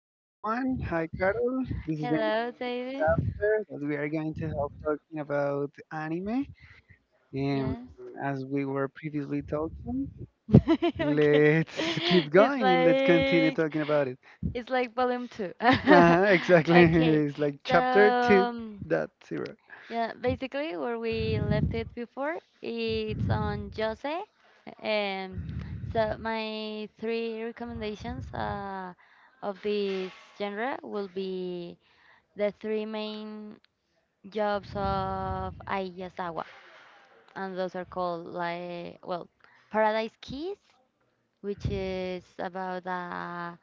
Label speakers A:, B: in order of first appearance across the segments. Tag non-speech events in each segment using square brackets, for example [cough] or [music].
A: everyone. Hi, Carol. This is the next
B: Hello, David.
A: chapter that we are going to help talking about anime. And
B: Yes.
A: as we were previously talking,
B: [laughs] okay. [laughs]
A: let's keep
B: It's
A: going and let's continue
B: like
A: talking about it.
B: it's like volume two. [laughs]
A: Uh-huh, exactly. [laughs]
B: okay.
A: It's like
B: So
A: chapter 2.0.
B: um,
A: Dot zero.
B: yeah, basically where we left it before, it's on Jose. Um, so my three recommendations of this genre will be the three main jobs of Ayasawa, and those are called like, well, Paradise Keys, which is about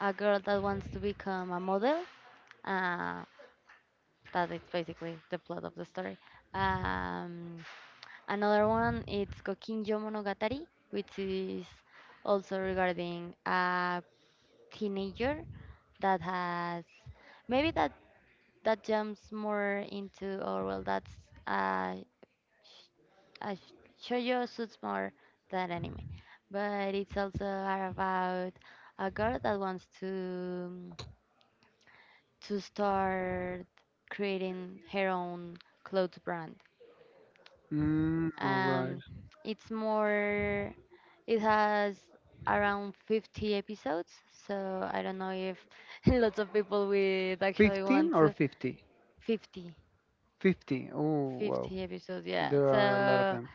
B: a girl that wants to become a model, uh, that is basically the plot of the story. um, Another one, it's Kokinjo Monogatari, which is also regarding a teenager that has maybe that that jumps more into, or well, that's a shoujo, suits more than anime, but it's also are about a girl that wants to start creating her own clothes brand.
A: Mm, all right.
B: Um, it's more. It has around 50 episodes, so I don't know if [laughs] lots of people would actually
A: 15
B: want
A: or
B: to-
A: 50?
B: 50.
A: 50. Oh, wow.
B: 50 episodes, yeah.
A: There are a lot of
B: So
A: them.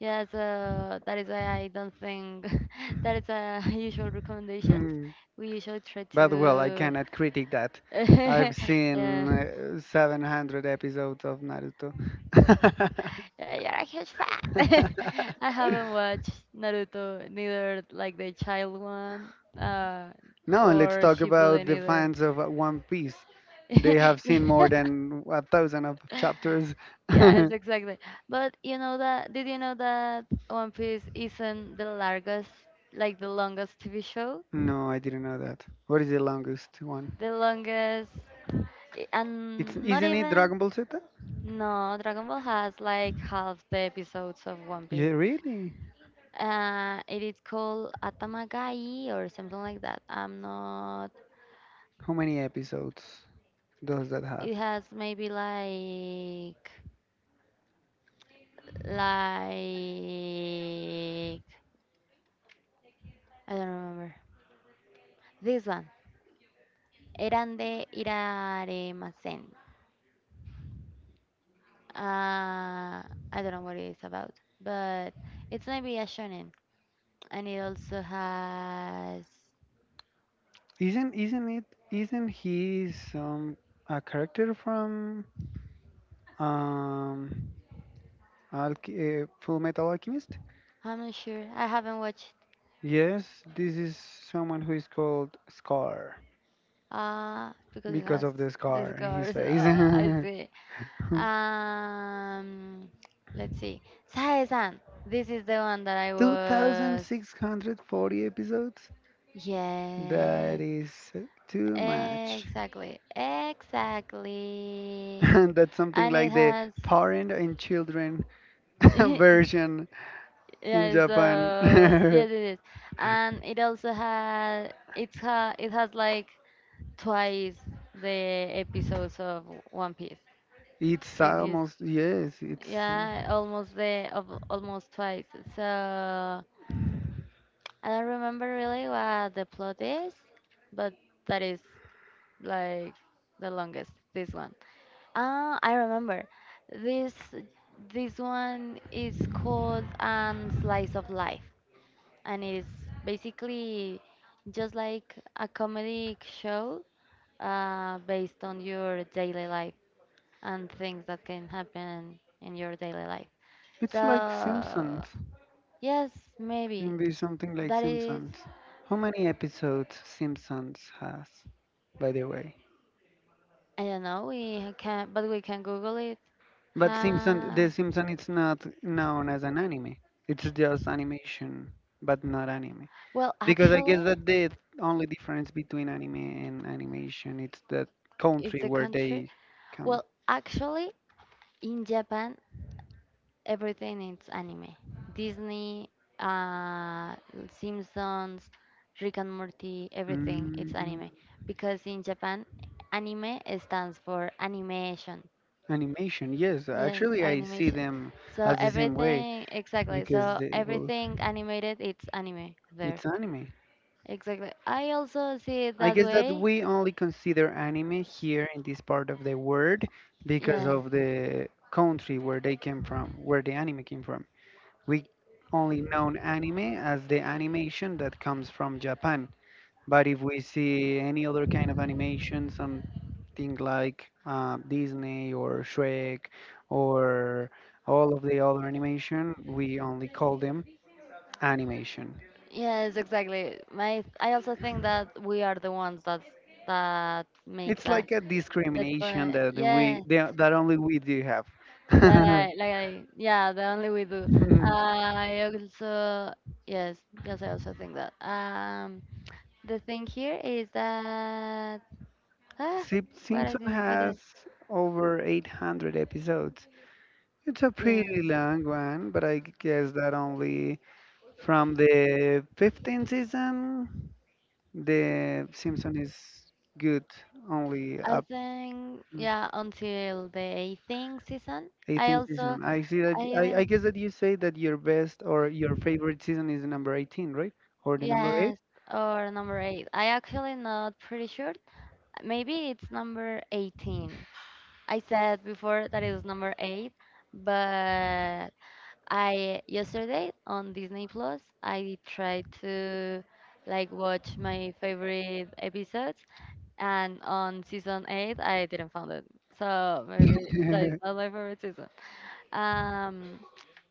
B: yes, that is why I don't think [laughs] that is a [laughs] usual recommendations.
A: [laughs]
B: We usually try
A: But well, I
B: to.
A: cannot critique that. I've
B: [laughs] Yeah.
A: seen 700 episodes of Naruto. [laughs]
B: Yeah, you're a huge fan. [laughs] I haven't watched Naruto, neither like the child one, uh,
A: No, let's
B: or
A: talk about
B: Shippuden
A: the
B: either.
A: fans of One Piece. They
B: [laughs]
A: have seen more
B: Yeah.
A: than a thousand of chapters.
B: [laughs]
A: [laughs]
B: Yes, exactly. But you know that, did you know that One Piece isn't the largest, like the longest TV show?
A: No, I didn't know that. What is the longest one?
B: The longest, I-
A: It's
B: and not
A: isn't it
B: even,
A: Dragon Ball Z?
B: no, Dragon Ball has like half the episodes of One
A: Yeah,
B: Piece.
A: really?
B: It is called Atamagai or something like that. I'm not,
A: How many episodes does that have?
B: it has maybe like, I don't remember. This one. Eran de Iraremasen. I don't know what it is about, but it's maybe a shonen, and it also has.
A: Isn't it isn't he some a character from um Alch- Full Metal Alchemist?
B: I'm not sure. I haven't watched.
A: Yes, this is someone who is called Scar
B: Because it
A: because
B: has
A: of the scar in his
B: scars. [laughs]
A: face.
B: Oh, I
A: [laughs]
B: see. Um, let's see. Sae-san. This is the one that I was.
A: 2640 episodes? That
B: Yes.
A: is too much. [laughs]
B: Exactly. Exactly.
A: And that's something
B: And it
A: like the
B: has.
A: parent and children [laughs]
B: [laughs] Yeah,
A: version in Japan.
B: so
A: [laughs]
B: yes, it is, and it also has it has like twice the episodes of One Piece.
A: It's
B: If you, s-
A: almost, yes, it's
B: yeah, almost the of almost twice. So I don't remember really what the plot is, but that is, like, the longest. This one, ah, I remember. this this one is called slice of life, and it is basically just like a comedic show based on your daily life and things that can happen in your daily life.
A: it's
B: So
A: like Simpsons.
B: yes, maybe
A: Can be something like
B: that is.
A: Simpsons. How many episodes Simpsons has, by the way?
B: I don't know, we can, but we can Google it.
A: But Simpson,
B: uh,
A: the Simpson is not known as an anime. It's just animation, but not anime. Because I guess
B: actually.
A: that the only difference between anime and animation it's the
B: It's
A: country
B: a
A: where
B: country.
A: they come.
B: Well, actually, in Japan, everything is anime. Disney, uh, Simpsons, Rick and Morty, everything it's
A: Mm,
B: anime. Because in Japan, anime stands for animation.
A: animation, yes.
B: Yes,
A: Actually, I see
B: animation.
A: them
B: So
A: as the same way
B: everything, exactly.
A: because
B: So
A: they both.
B: everything animated, it's anime there.
A: It's anime.
B: Exactly. I also see it
A: I
B: that
A: guess that
B: way.
A: we only consider anime here in this part of the world because
B: Yeah.
A: of the country where they came from, where the anime came from. We only know anime as the animation that comes from Japan. But if we see any other kind of animation, something like Disney or Shrek or all of the other animation, we only call them animation.
B: Yes, exactly. My I also think that we are the ones that make
A: It's
B: that
A: like a discrimination that
B: yeah,
A: we that that only we do have. [laughs]
B: like yeah, the only we do. I also. Yes. Yes, I also think that the thing here is that, ah,
A: Simpson
B: what did I,
A: has over 800 episodes. It's a
B: yeah,
A: pretty long one, but I guess that only from the 15th season, the Simpson is good only
B: I
A: up
B: think, yeah, until the 18th season. I
A: 18th
B: also.
A: season. I see that.
B: I
A: I guess that
B: even.
A: you say that your best or your favorite season is the number 18, right? Or the number eight?
B: Yes, or number eight. I actually not pretty sure. Maybe it's number 18. I said before that it was number eight, but I yesterday on Disney Plus, I tried to like watch my favorite episodes, and on season eight, I didn't find it. So maybe that is
A: [laughs]
B: not my favorite season. Um,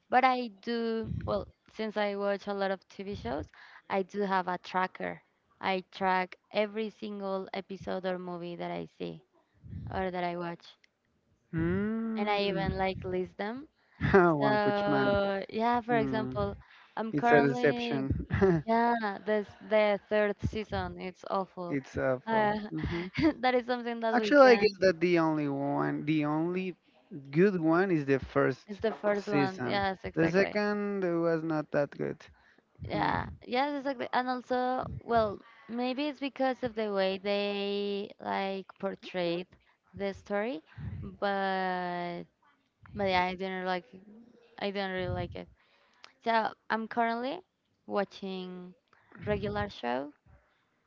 B: but I do, well, since I watch a lot of TV shows, I do have a tracker. I track every single episode or movie that I see or that I watch. And I even
A: Mm.
B: like list them.
A: [laughs] One Punch Man.
B: So, yeah, for
A: Mm.
B: example, I'm
A: It's a
B: currently,
A: deception. [laughs]
B: yeah, this the third season. It's awful.
A: It's awful.
B: Uh,
A: Hmm.
B: [laughs] that is something that we
A: Actually, I guess
B: can.
A: that the only one, the only good one is the
B: It's
A: first
B: the first one.
A: season.
B: Yes,
A: The
B: exactly.
A: second was not that good. Hmm.
B: Yeah, yes, exactly. And also, well, maybe it's because of the way they like portrayed the story, but but yeah, I didn't like it. I didn't really like it. So I'm currently watching Regular Show.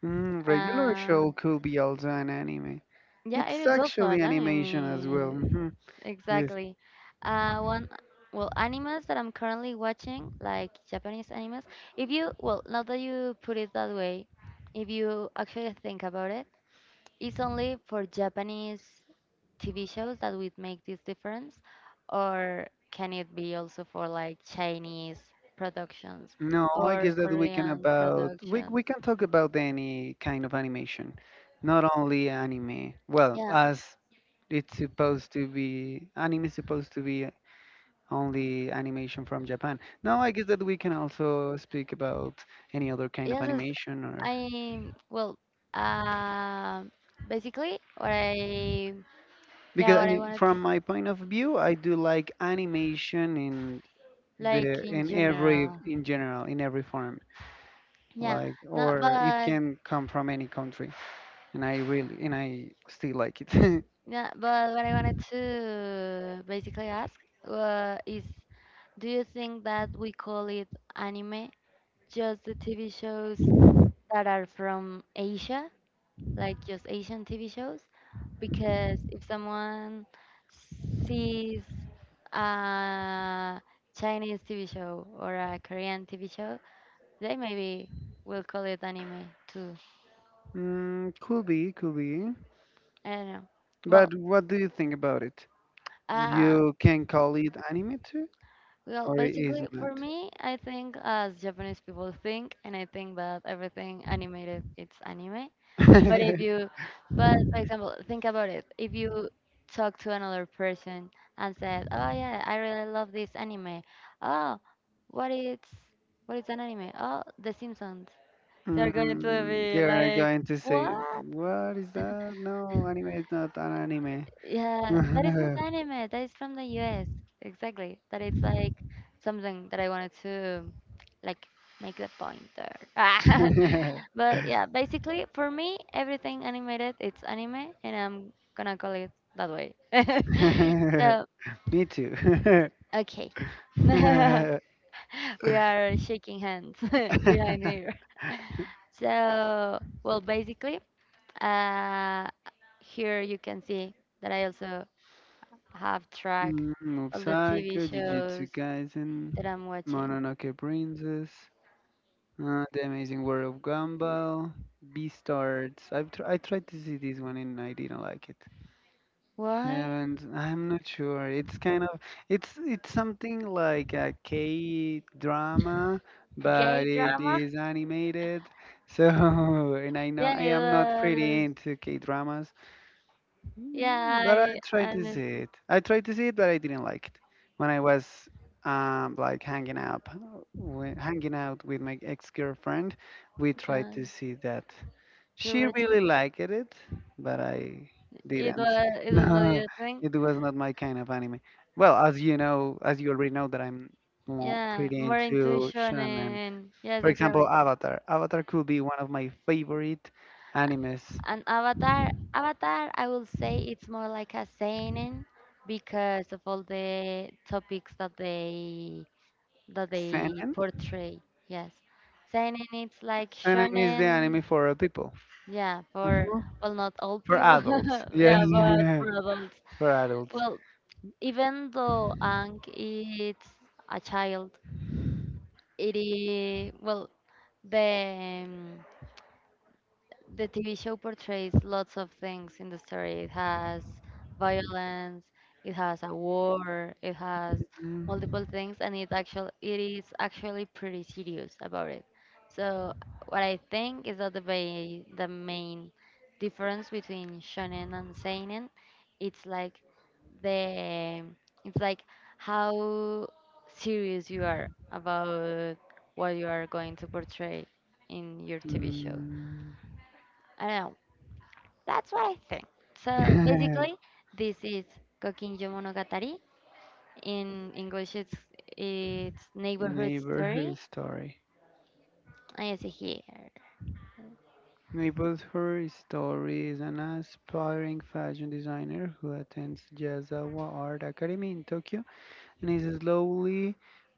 A: Mm, regular
B: Uh,
A: show could be also an anime.
B: yeah, it
A: It's
B: is also
A: actually
B: an
A: animation as well.
B: anime.
A: Mhm.
B: Exactly. Uh, one, well, animes that I'm currently watching, like Japanese animes. If you, well, now that you put it that way, if you actually think about it, it's only for Japanese TV shows that would make this difference, or can it be also for like Chinese productions
A: No, I
B: or
A: guess that we can
B: Korean
A: about we
B: productions?
A: we can talk about any kind of animation, not only anime. Well,
B: Yeah.
A: as it's supposed to be, anime is supposed to be only animation from Japan. No, I guess that we can also speak about any other kind of
B: Yes, it's-
A: animation or
B: I, well, um basically what I yeah,
A: because I
B: what I
A: mean,
B: wanted,
A: from my point of view, I do like animation in
B: like
A: the
B: in
A: in every
B: general.
A: in general in every form,
B: Yeah,
A: like
B: no,
A: or it
B: but
A: can come from any country. And I still like it.
B: yeah, but what I wanted to basically ask is, do you think that we call it anime just the TV shows that are from Asia, like just Asian TV shows? Because if someone sees a Chinese TV show or a Korean TV show, they maybe will call it anime too.
A: [laughs] Could be, could be.
B: I don't know. Well,
A: But what do you think about it?
B: Uh,
A: You can call it anime too, or it
B: basically,
A: is
B: for
A: not.
B: me, I think as Japanese people think, and I think that everything animated, it's anime. But if
A: [laughs]
B: you, but for example, think about it. If you talk to another person and said, "Oh yeah, I really love this anime." "Oh, what is what is an anime?" "Oh, The Simpsons." They're going to be
A: They are
B: like,
A: going to say,
B: "What?
A: "What is that? No, anime is not an anime."
B: Yeah, Mm, that is not anime. That is from the US." Exactly. That is like something that I wanted to like make the point there. [laughs] But yeah, basically for me, everything animated, it's anime, and I'm gonna call it that way. [laughs]
A: [laughs]
B: So,
A: Me too.
B: okay. [laughs]
A: [laughs]
B: We are shaking hands [laughs] behind here. So, well, basically, uh, here you can see that I also have track
A: Mm, Mob
B: all the TV
A: Psycho, Jujutsu
B: shows
A: Kaisen,
B: that I'm watching.
A: Mononoke Princess. The Amazing World of Gumball, Beastars. I tried to see this one and I didn't like it.
B: What?
A: Haven't. I'm not sure. It's kind of it's something like a K drama, but it is animated. So [laughs] and I know
B: Yeah,
A: I am not
B: it
A: pretty
B: was.
A: into K dramas. Yeah.
B: Yeah,
A: But I
B: I
A: tried to see
B: and
A: it. I tried to see it, but I didn't like it. When I was like hanging out with my ex-girlfriend, we tried
B: uh,
A: to see that.
B: to
A: She
B: watch it.
A: really liked it, but I didn't. [laughs]
B: It was not
A: No,
B: your thing.
A: it was not my kind of anime. Well, as you already know, that I'm more
B: Yeah,
A: pretty
B: more
A: into
B: intuition,
A: shonen.
B: and yes,
A: For example,
B: exactly.
A: Avatar. Avatar could be one of my favorite animes.
B: And Avatar, Avatar, I will say it's more like a seinen because of all the topics that they
A: Shonen.
B: portray. Yes, seinen it's like
A: Conan is the
B: shonen.
A: anime for people,
B: Yeah, for,
A: Mhm,
B: well, not all
A: for
B: people.
A: adults.
B: [laughs]
A: Yes,
B: Yeah, but for adults.
A: [laughs] for adults.
B: Well, even though Ang it's a child, it is, well, the the TV show portrays lots of things in the story. It has violence, it has a war, it has
A: Mm,
B: multiple things, and it is actually pretty serious about it. So what I think is that the main difference between shonen and seinen, it's like the it's like how serious you are about what you are going to portray in your TV show.
A: mm.
B: I don't know. That's what I think. So basically,
A: [laughs]
B: this is Kokinjo Monogatari. In English, it's Neighborhood Story.
A: Neighborhood Story.
B: I yes, here.
A: Neighborhood Story is an aspiring fashion designer who attends Yazawa Art Academy in Tokyo and is slowly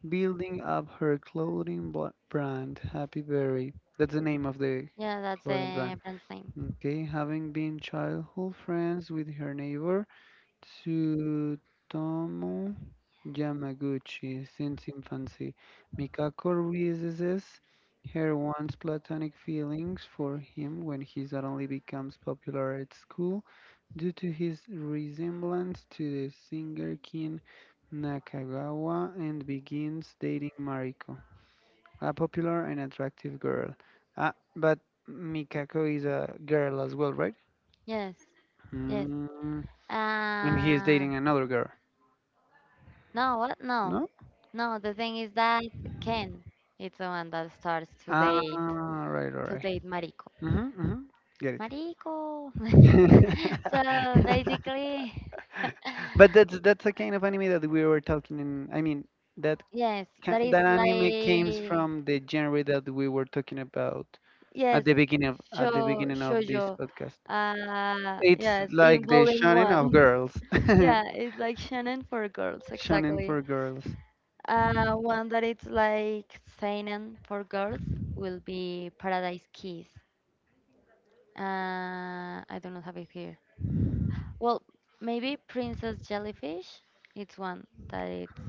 A: building up her clothing brand, Happy Berry. That's the name of the
B: Yeah, that's
A: clothing
B: the
A: brand.
B: brand's name.
A: Okay, having been childhood friends with her neighbor, Tsutomu Yamaguchi, since infancy, Mikako realizes her once platonic feelings for him when he suddenly becomes popular at school due to his resemblance to the singer Kin Nakagawa and begins dating Mariko, a popular and attractive girl. Ah, but Mikako is a girl as well, right?
B: Yes, yes.
A: Mm, and he is
B: Uh,
A: dating another girl.
B: no, what? No,
A: No?
B: no. The thing is that Ken, it's the one that starts
A: Ah, right, all
B: to
A: right.
B: date Mariko.
A: Mm-hmm, mm-hmm. Get it.
B: Mariko. [laughs] So
A: [laughs]
B: basically,
A: But that's the kind of anime that we were talking in. I mean, that
B: yes, that is
A: that anime came
B: like,
A: from the genre that we were talking about
B: yes,
A: at the
B: Sho
A: beginning of this
B: shoujo.
A: podcast. It's
B: Yes, in
A: like the
B: volume
A: shonen
B: one.
A: of
B: [laughs]
A: girls. [laughs]
B: Yeah, it's like shonen for girls,
A: Shonen
B: exactly.
A: for girls.
B: One that it's like seinen for girls will be Paradise Kiss. I do not have it here. Well, maybe Princess Jellyfish. It's one that it's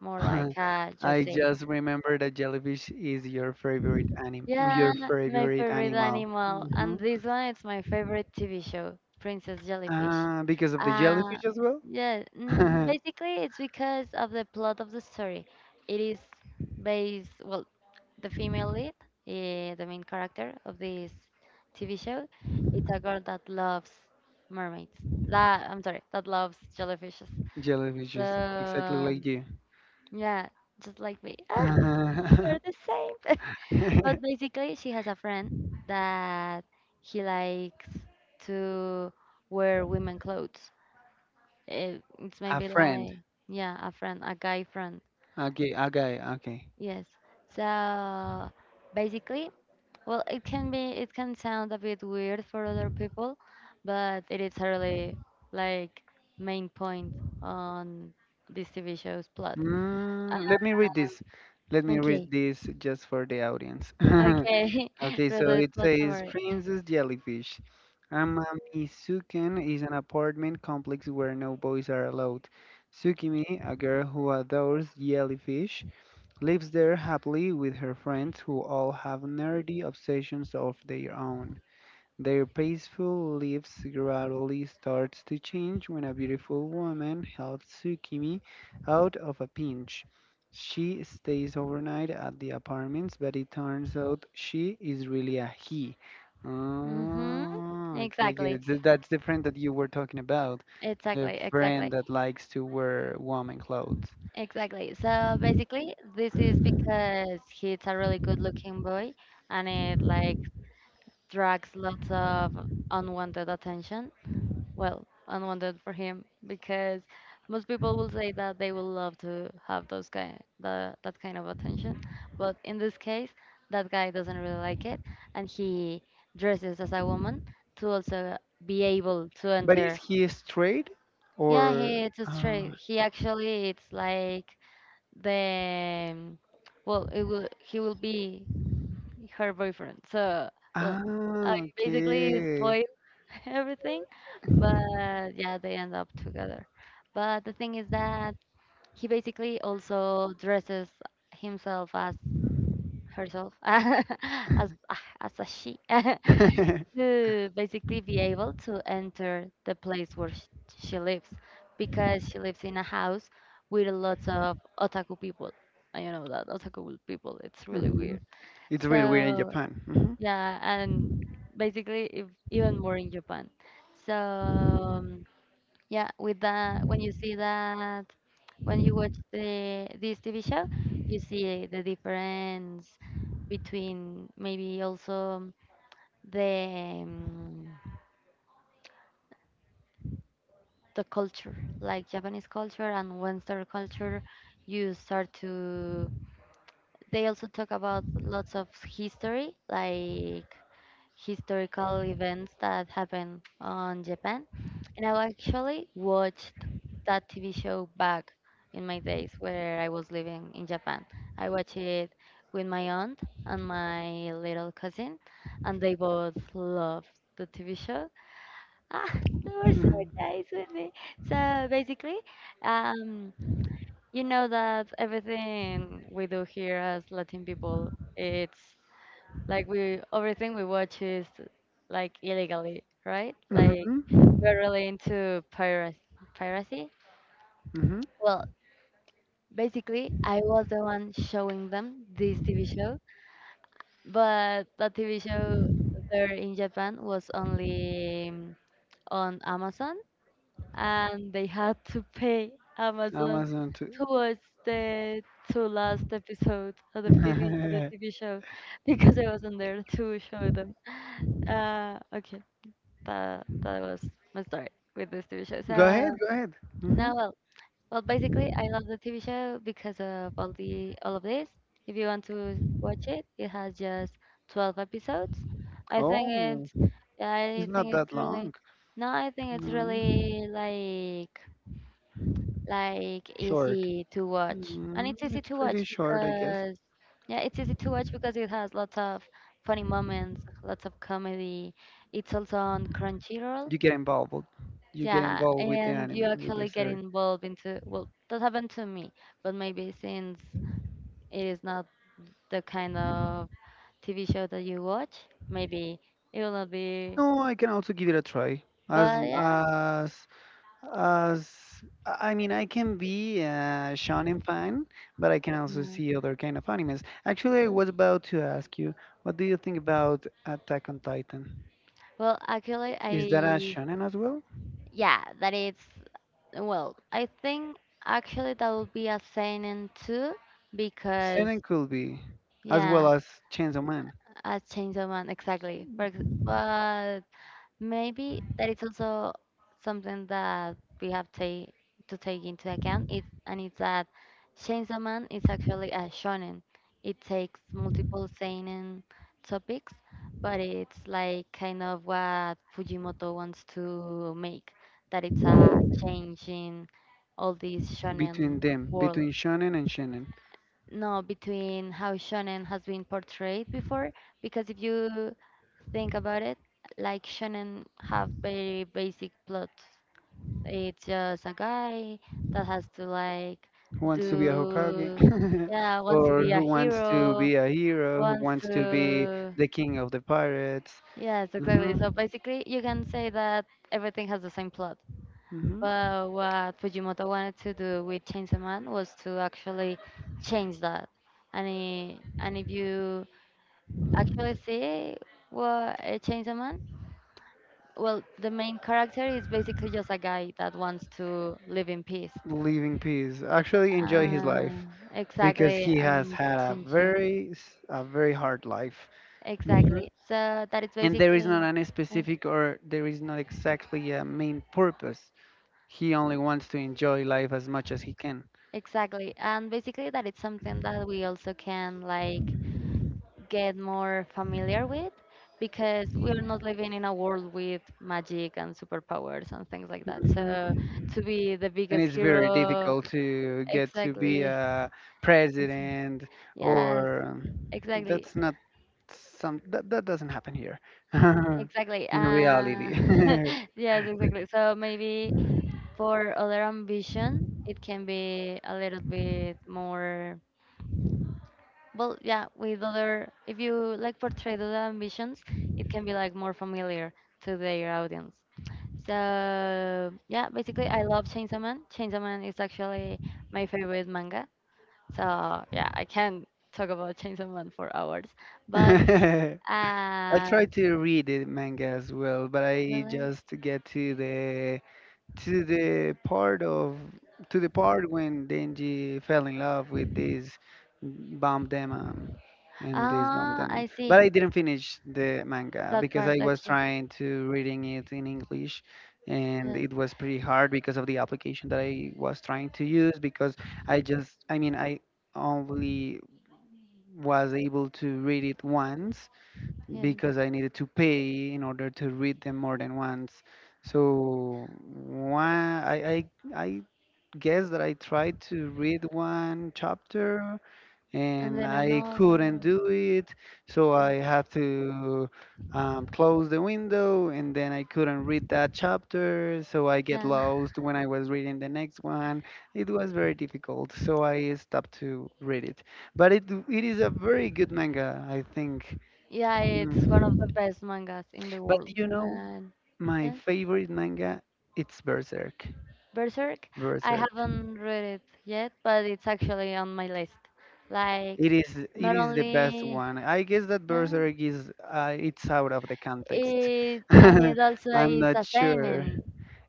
B: more like
A: [laughs]
B: a
A: I
B: Jose.
A: just remember that jellyfish is
B: Yeah,
A: your
B: my
A: favorite
B: favorite
A: animal.
B: animal.
A: Hmm.
B: And this one, it's my favorite TV show, Princess Jellyfish.
A: Because of the
B: Uh,
A: jellyfish as well?
B: yeah, mm,
A: [laughs]
B: basically, it's because of the plot of the story. It is based, well, the female lead, the main character of this TV show, it's a girl that loves mermaids. La, I'm sorry, that loves jellyfishes. So,
A: Jellyfishes, exactly like you.
B: yeah, just like me. [laughs] Ah, we're the same. [laughs] But basically, she has a friend that he likes to wear women clothes. It's
A: [laughs] A
B: maybe
A: friend.
B: like, yeah, a friend, a guy friend.
A: Okay, a guy. Okay.
B: Yes. So basically, well, it can be, it can sound a bit weird for other people, but it is a really like main point on this TV show's plot. Uh,
A: Mm, let me read this. Let me
B: okay.
A: read this just for the audience. [laughs]
B: Okay. [laughs]
A: Okay, so
B: Really
A: it
B: plot
A: says
B: summary.
A: Princess Jellyfish. Amamizuken is an apartment complex where no boys are allowed. Tsukimi, a girl who adores jellyfish, lives there happily with her friends who all have nerdy obsessions of their own. Their peaceful lives gradually starts to change when a beautiful woman helps Tsukimi out of a pinch. She stays overnight at the apartments, but it turns out she is really a he.
B: Mm-hmm.
A: Oh, okay, get
B: Exactly.
A: it. So that's the friend that you were talking about, the
B: Exactly.
A: friend
B: Exactly.
A: that likes to wear woman clothes.
B: Exactly. So basically, this is because he's a really good-looking boy, and it like drags lots of unwanted attention. Well, unwanted for him because most people will say that they will love to have that kind of attention, but in this case, that guy doesn't really like it, and he dresses as a woman to also be able to
A: But is
B: enter.
A: he straight
B: Yeah,
A: or?
B: he it's a
A: Oh,
B: straight. He actually it's like the well, it will he will be her boyfriend. So well,
A: ah,
B: basically it's
A: okay.
B: spoil everything. But yeah, they end up together. But the thing is that he basically also dresses himself as herself, [laughs] as a she, [laughs]
A: [laughs]
B: to basically be able to enter the place where she lives, because she lives in a house with lots of otaku people. And you know that otaku people, it's really weird.
A: Mhm. It's really weird in
B: So
A: Japan. Mhm.
B: yeah, and basically if, even more in Japan. So yeah, with that, when you see that, when you watch the this TV show, you see the difference between maybe also the um, the culture, like Japanese culture and Western culture. You start to they also talk about lots of history, like historical events that happened on Japan. And I actually watched that TV show back in my days where I was living in Japan. I watched it with my aunt and my little cousin, and they both loved the TV show. Ah, [laughs] they were so nice with me. So basically, um, you know that everything we do here as Latin people, it's like we everything we watch is like illegally, right?
A: Mhm.
B: Like
A: Mhm.
B: we're really into piracy. Piracy?
A: Mhm.
B: Well, basically, I was the one showing them this TV show, but the TV show there in Japan was only on Amazon, and they had to pay Amazon
A: Amazon too.
B: towards the two last episodes of the TV show
A: [laughs]
B: [laughs] because I wasn't there to show them. Okay. That was my start with this TV show.
A: Go
B: So
A: ahead, go ahead.
B: now,
A: Mhm.
B: well, basically, I love the TV show because of all of this. If you want to watch it, it has just 12 episodes. I think
A: Oh,
B: it's,
A: it's
B: I
A: not
B: think
A: that
B: it's really,
A: long.
B: no, I think it's
A: No,
B: really like
A: short.
B: easy to watch, and
A: Mhm.
B: it's easy
A: It's
B: to
A: pretty
B: watch
A: short, I guess.
B: because it has lots of funny moments, lots of comedy. It's also on Crunchyroll.
A: You get involved. You get
B: Yeah,
A: involved with the
B: and you
A: anime, with the
B: actually get
A: story.
B: involved into, well, that happened to me, but maybe since it is not the kind of TV show that you watch, maybe it will not be,
A: No, I can also give it a try. As
B: but yeah.
A: as as I mean, I can be a shonen fan, but I can also
B: Yeah.
A: see other kind of animes. Actually, I was about to ask you, what do you think about Attack on Titan?
B: Well, actually,
A: Is that a
B: I,
A: shonen as well?
B: yeah, that is, well, I think actually that would be a seinen too, because,
A: Shonen could be, as
B: yeah,
A: well as Chainsaw Man.
B: a change of mind, exactly. But maybe that is also something that we have to take into account. It and it's that Chainsaw Man is actually a shonen. It takes multiple seinen topics, but it's like kind of what Fujimoto wants to make, that it's a change in all this
A: Between
B: shonen
A: them,
B: world.
A: between shonen and shonen.
B: No, between how shonen has been portrayed before, because if you think about it, like shonen have very basic plot. It's just a guy that has to like
A: Who wants to be a Hokage,
B: do,
A: [laughs]
B: yeah, wants to
A: or
B: be a
A: who wants to
B: hero,
A: be a hero, who
B: wants
A: wants to be
B: to,
A: the king of the pirates.
B: yes, exactly.
A: Hmm.
B: So basically, you can say that everything has the same plot.
A: Hmm.
B: But what Fujimoto wanted to do with Chainsaw Man was to actually change that. And i- and if you actually see what Chainsaw Man, well, the main character is basically just a guy that wants to live in peace.
A: Live in peace. Actually, enjoy his
B: Uh,
A: life because
B: exactly,
A: he has
B: and
A: had
B: to
A: a
B: enjoy.
A: very, s- a very hard life. Hmm.
B: Exactly. So that is
A: And there is
B: basically.
A: not any
B: uh,
A: specific or there is not exactly a main purpose. He only wants to enjoy life as much as he can.
B: Exactly. And basically that it's something that we also can like get more familiar with because we are not living in a world with magic and superpowers and things like that. So
A: Mm-hmm.
B: to be the
A: And
B: biggest
A: it's very
B: hero,
A: difficult to get to be
B: exactly.
A: a president
B: Yes,
A: or
B: exactly.
A: that's not some that, that doesn't happen here
B: Exactly.
A: [laughs] in reality.
B: [laughs] Yes, exactly. So maybe for other ambition, it can be a little bit more. Well, yeah, with other, if you like portray the ambitions, it can be like more familiar to their audience. So yeah, basically, I love Chainsaw Man. Chainsaw Man is actually my favorite manga. So yeah, I can talk about Chainsaw Man for hours. But
A: [laughs] I
B: Uh,
A: try to read the manga as well, but I
B: really?
A: just get to the part of to the part when Denji fell in love with this bomb demon and this bomb
B: Ah, I
A: demon.
B: see.
A: But I didn't finish the manga
B: That [laughs]
A: because I
B: part.
A: was
B: Okay.
A: trying to reading it in English and
B: Yes.
A: it was pretty hard because of the application that I was trying to use because I mean I only was able to read it once
B: Yes.
A: because I needed to pay in order to read them more than once. So I guess that I tried to read one chapter
B: And
A: and
B: then
A: I couldn't
B: another.
A: do it. So I had to close the window and then I couldn't read that chapter. So I get
B: Yeah. [laughs]
A: lost when I was reading the next one. It was very difficult. So I stopped to read it. But it is a very good manga, I think.
B: Yeah, it's one
A: Mm.
B: of the best mangas in the
A: But
B: world.
A: you know,
B: And
A: my
B: yeah.
A: favorite manga it's Berserk.
B: Berserk, I
A: Berserk.
B: haven't read it yet, but it's actually on my list. Like,
A: It is it
B: not
A: is the best
B: only.
A: one. I guess that
B: Yeah.
A: Berserk is it's out of the context.
B: It and
A: [laughs]
B: it also
A: I'm
B: is
A: not
B: a
A: sure.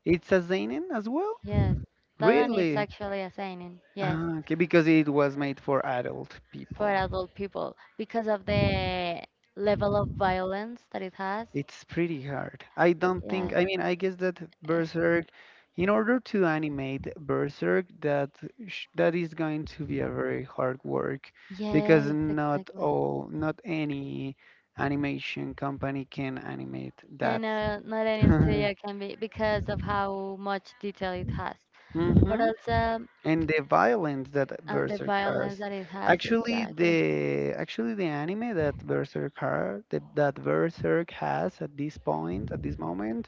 A: It's a seinen as well?
B: yes, that one is
A: Really?
B: actually a yes,
A: Ah, okay, because it was made for adult
B: for
A: people.
B: adult people because of the level of violence that it has.
A: It's pretty hard. I don't think,
B: Yes,
A: I mean, I guess that
B: eh,
A: Berserk, in order to animate Berserk, that that is going to be a very hard work because
B: yes,
A: not
B: exactly.
A: all, not any animation company can animate
B: Yeah,
A: that.
B: no, not
A: [laughs]
B: any
A: Hmm.
B: studio can be because of how much detail it has, but also
A: And the violence that
B: and the
A: Berserk has.
B: violence that it has.
A: Actually,
B: Exactly.
A: the actually the anime that Berserk has, at this point, at this moment,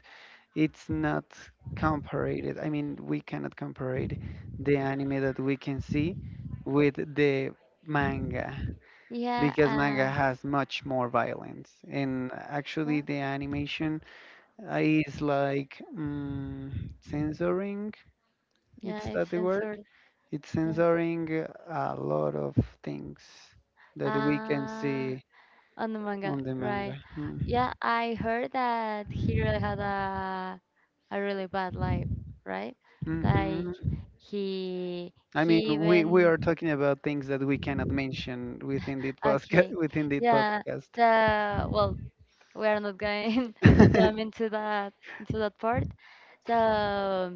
A: it's not compared. I mean, we cannot compare the anime that we can see with the manga
B: Yeah,
A: because manga
B: uh,
A: has much more violence and actually
B: yeah,
A: the animation is like censoring, it's
B: yeah, it's
A: that the word,
B: censored.
A: it's
B: Yeah.
A: censoring a lot of things that we can
B: Ah,
A: see
B: on the manga,
A: on the manga.
B: right. Yeah, I heard that he really had a really bad life, right? Like
A: Mm-hmm.
B: he
A: I mean,
B: he
A: we
B: even
A: are talking about things that we cannot mention within this podcast. [laughs]
B: okay. Yeah, the well, we are not going [laughs] to jump
A: [laughs]
B: into that part. So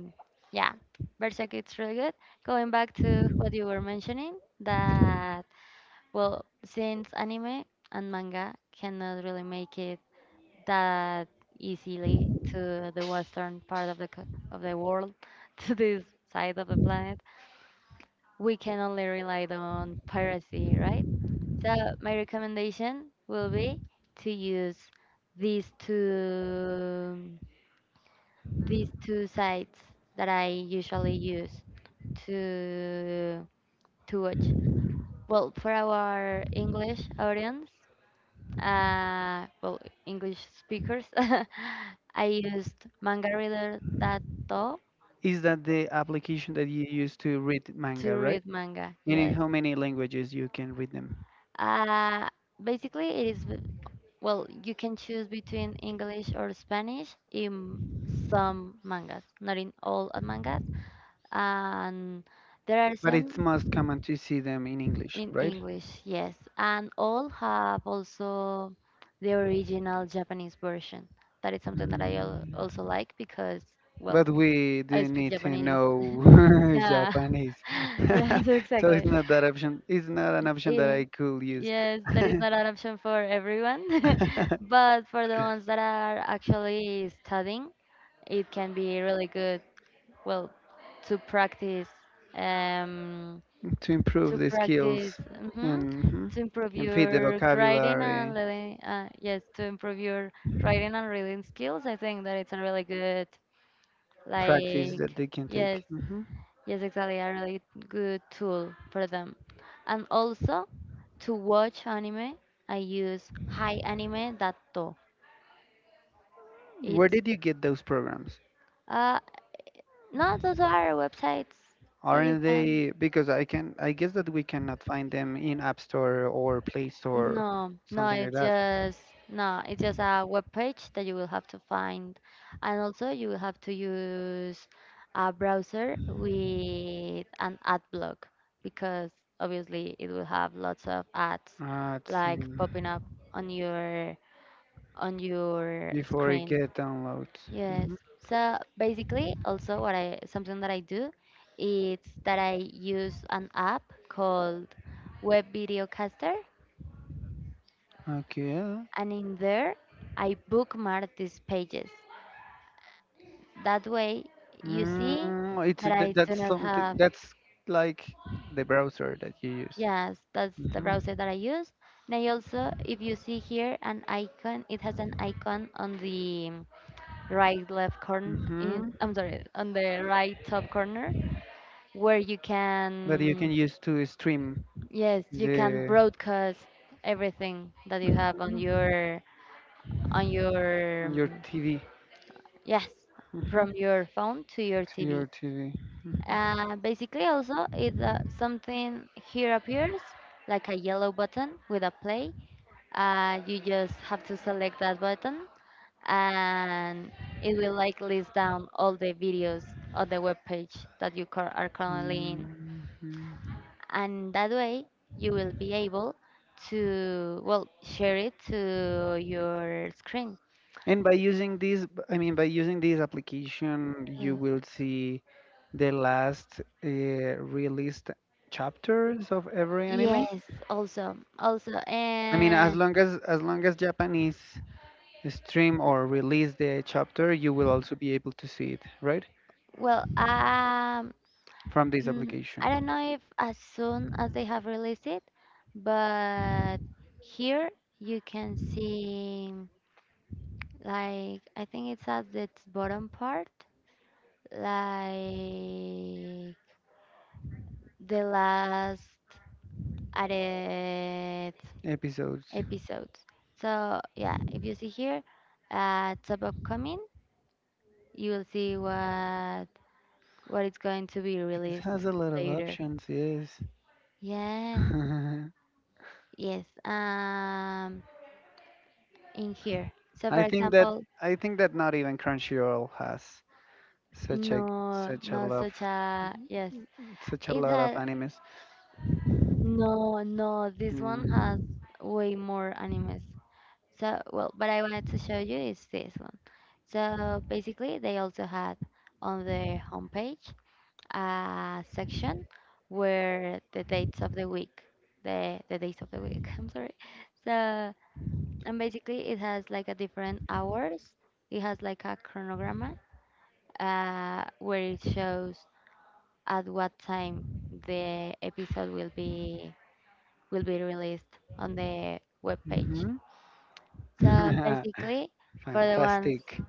B: yeah, Berserk it's really good. Going back to what you were mentioning, that well, since anime and manga cannot really make it that easily to the western part of the of the world, [laughs] to this side of the planet, we can only rely on piracy, right? So my recommendation will be to use these two these two sites that I usually use to to watch. Well, for our English audience, well, English speakers, [laughs] I used mangareader.to
A: Is that the application that you use to read
B: to
A: manga, right?
B: read manga.
A: And in
B: Yes.
A: how many languages you can read them?
B: Uh, Basically, it is you can choose between English or Spanish in some mangas, not in all mangas. And there are
A: But it's
B: some
A: most common to see them in English,
B: in
A: right?
B: English, yes. And all have also the original Japanese version. That is something that I
A: Mm.
B: also like because, well,
A: But we
B: I
A: do
B: speak
A: need to
B: Japanese. [laughs]
A: know [laughs]
B: Yeah,
A: Japanese,
B: [laughs]
A: [laughs]
B: yes,
A: so it's
B: exactly.
A: not that option. It's not an option that
B: Eh,
A: I could use.
B: Yes, that is not an option for everyone, [laughs]
A: [laughs]
B: but for the ones that are actually studying, it can be really good well to practice um
A: To improve
B: to
A: the
B: practice
A: skills
B: mhm,
A: and mhm,
B: to improve
A: and feed the
B: your writing
A: vocabulary
B: and reading yes, to improve your writing and reading skills. I think that it's a really good
A: practice
B: like
A: that they can
B: yes.
A: take. Hmm.
B: Yes, exactly. A really good tool for them. And also to watch anime I use hianime.to.
A: Where
B: It's
A: did you get those programs?
B: uh no, those are websites that you
A: Aren't
B: can
A: they because I can I guess that we cannot find them in App Store or Play Store
B: no, no,
A: something like
B: it's
A: that.
B: just no, it's just a web page that you will have to find, and also you will have to use a browser with an ad block because obviously it will have lots of ads
A: It's
B: like popping
A: in,
B: up on your on your
A: before you
B: screen.
A: get downloads.
B: Yes.
A: Hmm.
B: So basically, also what I something that I do is that I use an app called Web Videocaster,
A: Okay.
B: and in there I bookmark these pages. That way you see
A: Mm, it's
B: that I
A: that,
B: do
A: that's
B: not
A: something
B: have,
A: that's like the browser that you use.
B: yes, that's the
A: Hmm.
B: browser that I use. And I also, if you see here an icon, it has an icon on the right left corner, in,
A: Hmm.
B: I'm sorry, on the right top corner where you
A: That you
B: can,
A: can use to stream
B: yes, you can
A: the
B: broadcast everything that you have
A: Mhm,
B: on your,
A: on your TV.
B: yes,
A: Hmm,
B: from your phone to your
A: to
B: TV.
A: your TV. Hmm.
B: Basically, also, if something here appears, like a yellow button with a play, you just have to select that button and it will like list down all the videos on the web page that you are currently in.
A: Mhm. Mhm.
B: And that way, you will be able to, well, share it to your screen.
A: And by using this, I mean by using this application, you
B: Yes.
A: will see the last released chapters of every anime.
B: Yes, also, also,
A: I mean, as
B: and
A: long as as long as Japanese stream or release the chapter, you will also be able to see it, right?
B: well,
A: From this
B: mm, I don't
A: application.
B: know if as soon as they have released it, but here you can see like I think it's at its bottom part, like the last added
A: Episodes.
B: episodes. So yeah, if you see here top upcoming, you will see what is going to be
A: It
B: released
A: has a lot of
B: later.
A: options, yes.
B: Yes, yes. In here. So,
A: [laughs]
B: for
A: I think that
B: example,
A: I think that not even Crunchyroll has such a
B: no,
A: such a
B: no,
A: love
B: such a yes.
A: such a
B: It
A: lot of
B: had
A: animes.
B: no, no. This one has
A: Hmm.
B: way more animes. So, well, but I wanted to show you is this one. So basically, they also had on the homepage a section where the days of the week. [laughs] I'm sorry. So, and basically, it has like a different hours. It has like a chronograma where it shows at what time the episode will be released on the web page.
A: Hmm.
B: So
A: [laughs]
B: basically, for the ones,
A: Fantastic.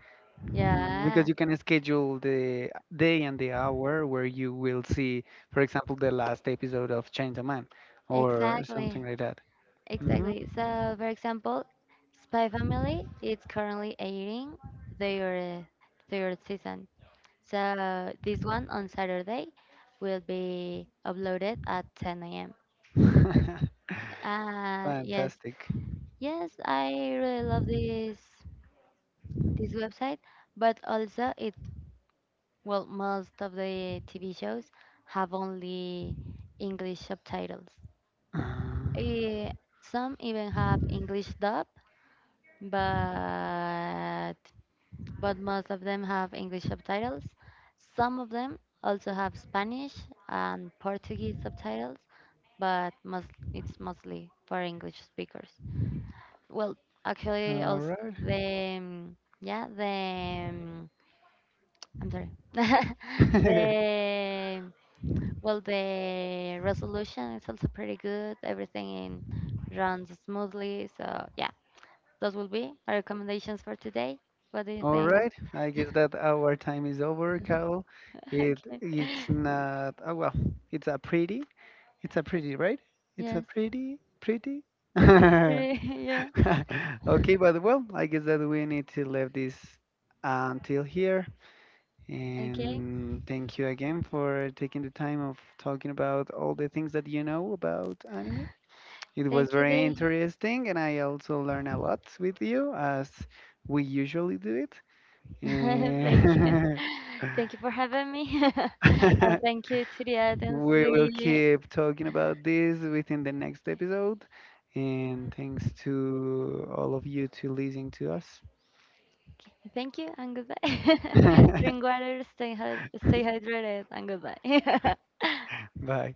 A: Mm,
B: yeah,
A: because you can schedule the day and the hour where you will see, for example, the last episode of Man or something
B: exactly,
A: like that. Hmm.
B: exactly. So for example, Spy Family, it's currently airing their third season. So this one on Saturday will be uploaded at 10 a.m.
A: [laughs]
B: Yes,
A: Fantastic.
B: yes, I really love this website, but also it well most of the TV shows have only English subtitles.
A: Um,
B: Eh, some even have English dub, but most of them have English subtitles. Some of them also have Spanish and Portuguese subtitles, but most it's mostly for English speakers. Well, actually,
A: All
B: also
A: right.
B: the I'm sorry. [laughs]
A: [laughs]
B: the Well, the resolution is also pretty good. Everything runs smoothly. So yeah, those will be my recommendations for today. What do you
A: All
B: think? [laughs]
A: right. I guess that our time is over, Carl. It
B: Okay.
A: it's not. Oh well, it's a pretty. It's a pretty, right? It's a
B: Yes.
A: pretty, pretty. [laughs] [laughs]
B: Pretty, [laughs] yeah.
A: Okay, but well, I guess that we need to leave this until here.
B: Okay.
A: And thank you again for taking the time of talking about all the things that you know about anime. It was
B: Thank you,
A: very
B: Day.
A: interesting, and I also learned a lot with you, as we usually do it.
B: [laughs] Thank you.
A: And
B: [laughs] Thank you for having me. [laughs] And thank
A: [laughs]
B: you to the audience.
A: we will
B: We
A: keep talking about this within the next episode. And thanks to all of you to listening to us.
B: Okay, thank you and goodbye. [laughs]
A: [laughs]
B: Drink water, stay hydrated and goodbye. [laughs]
A: Vai.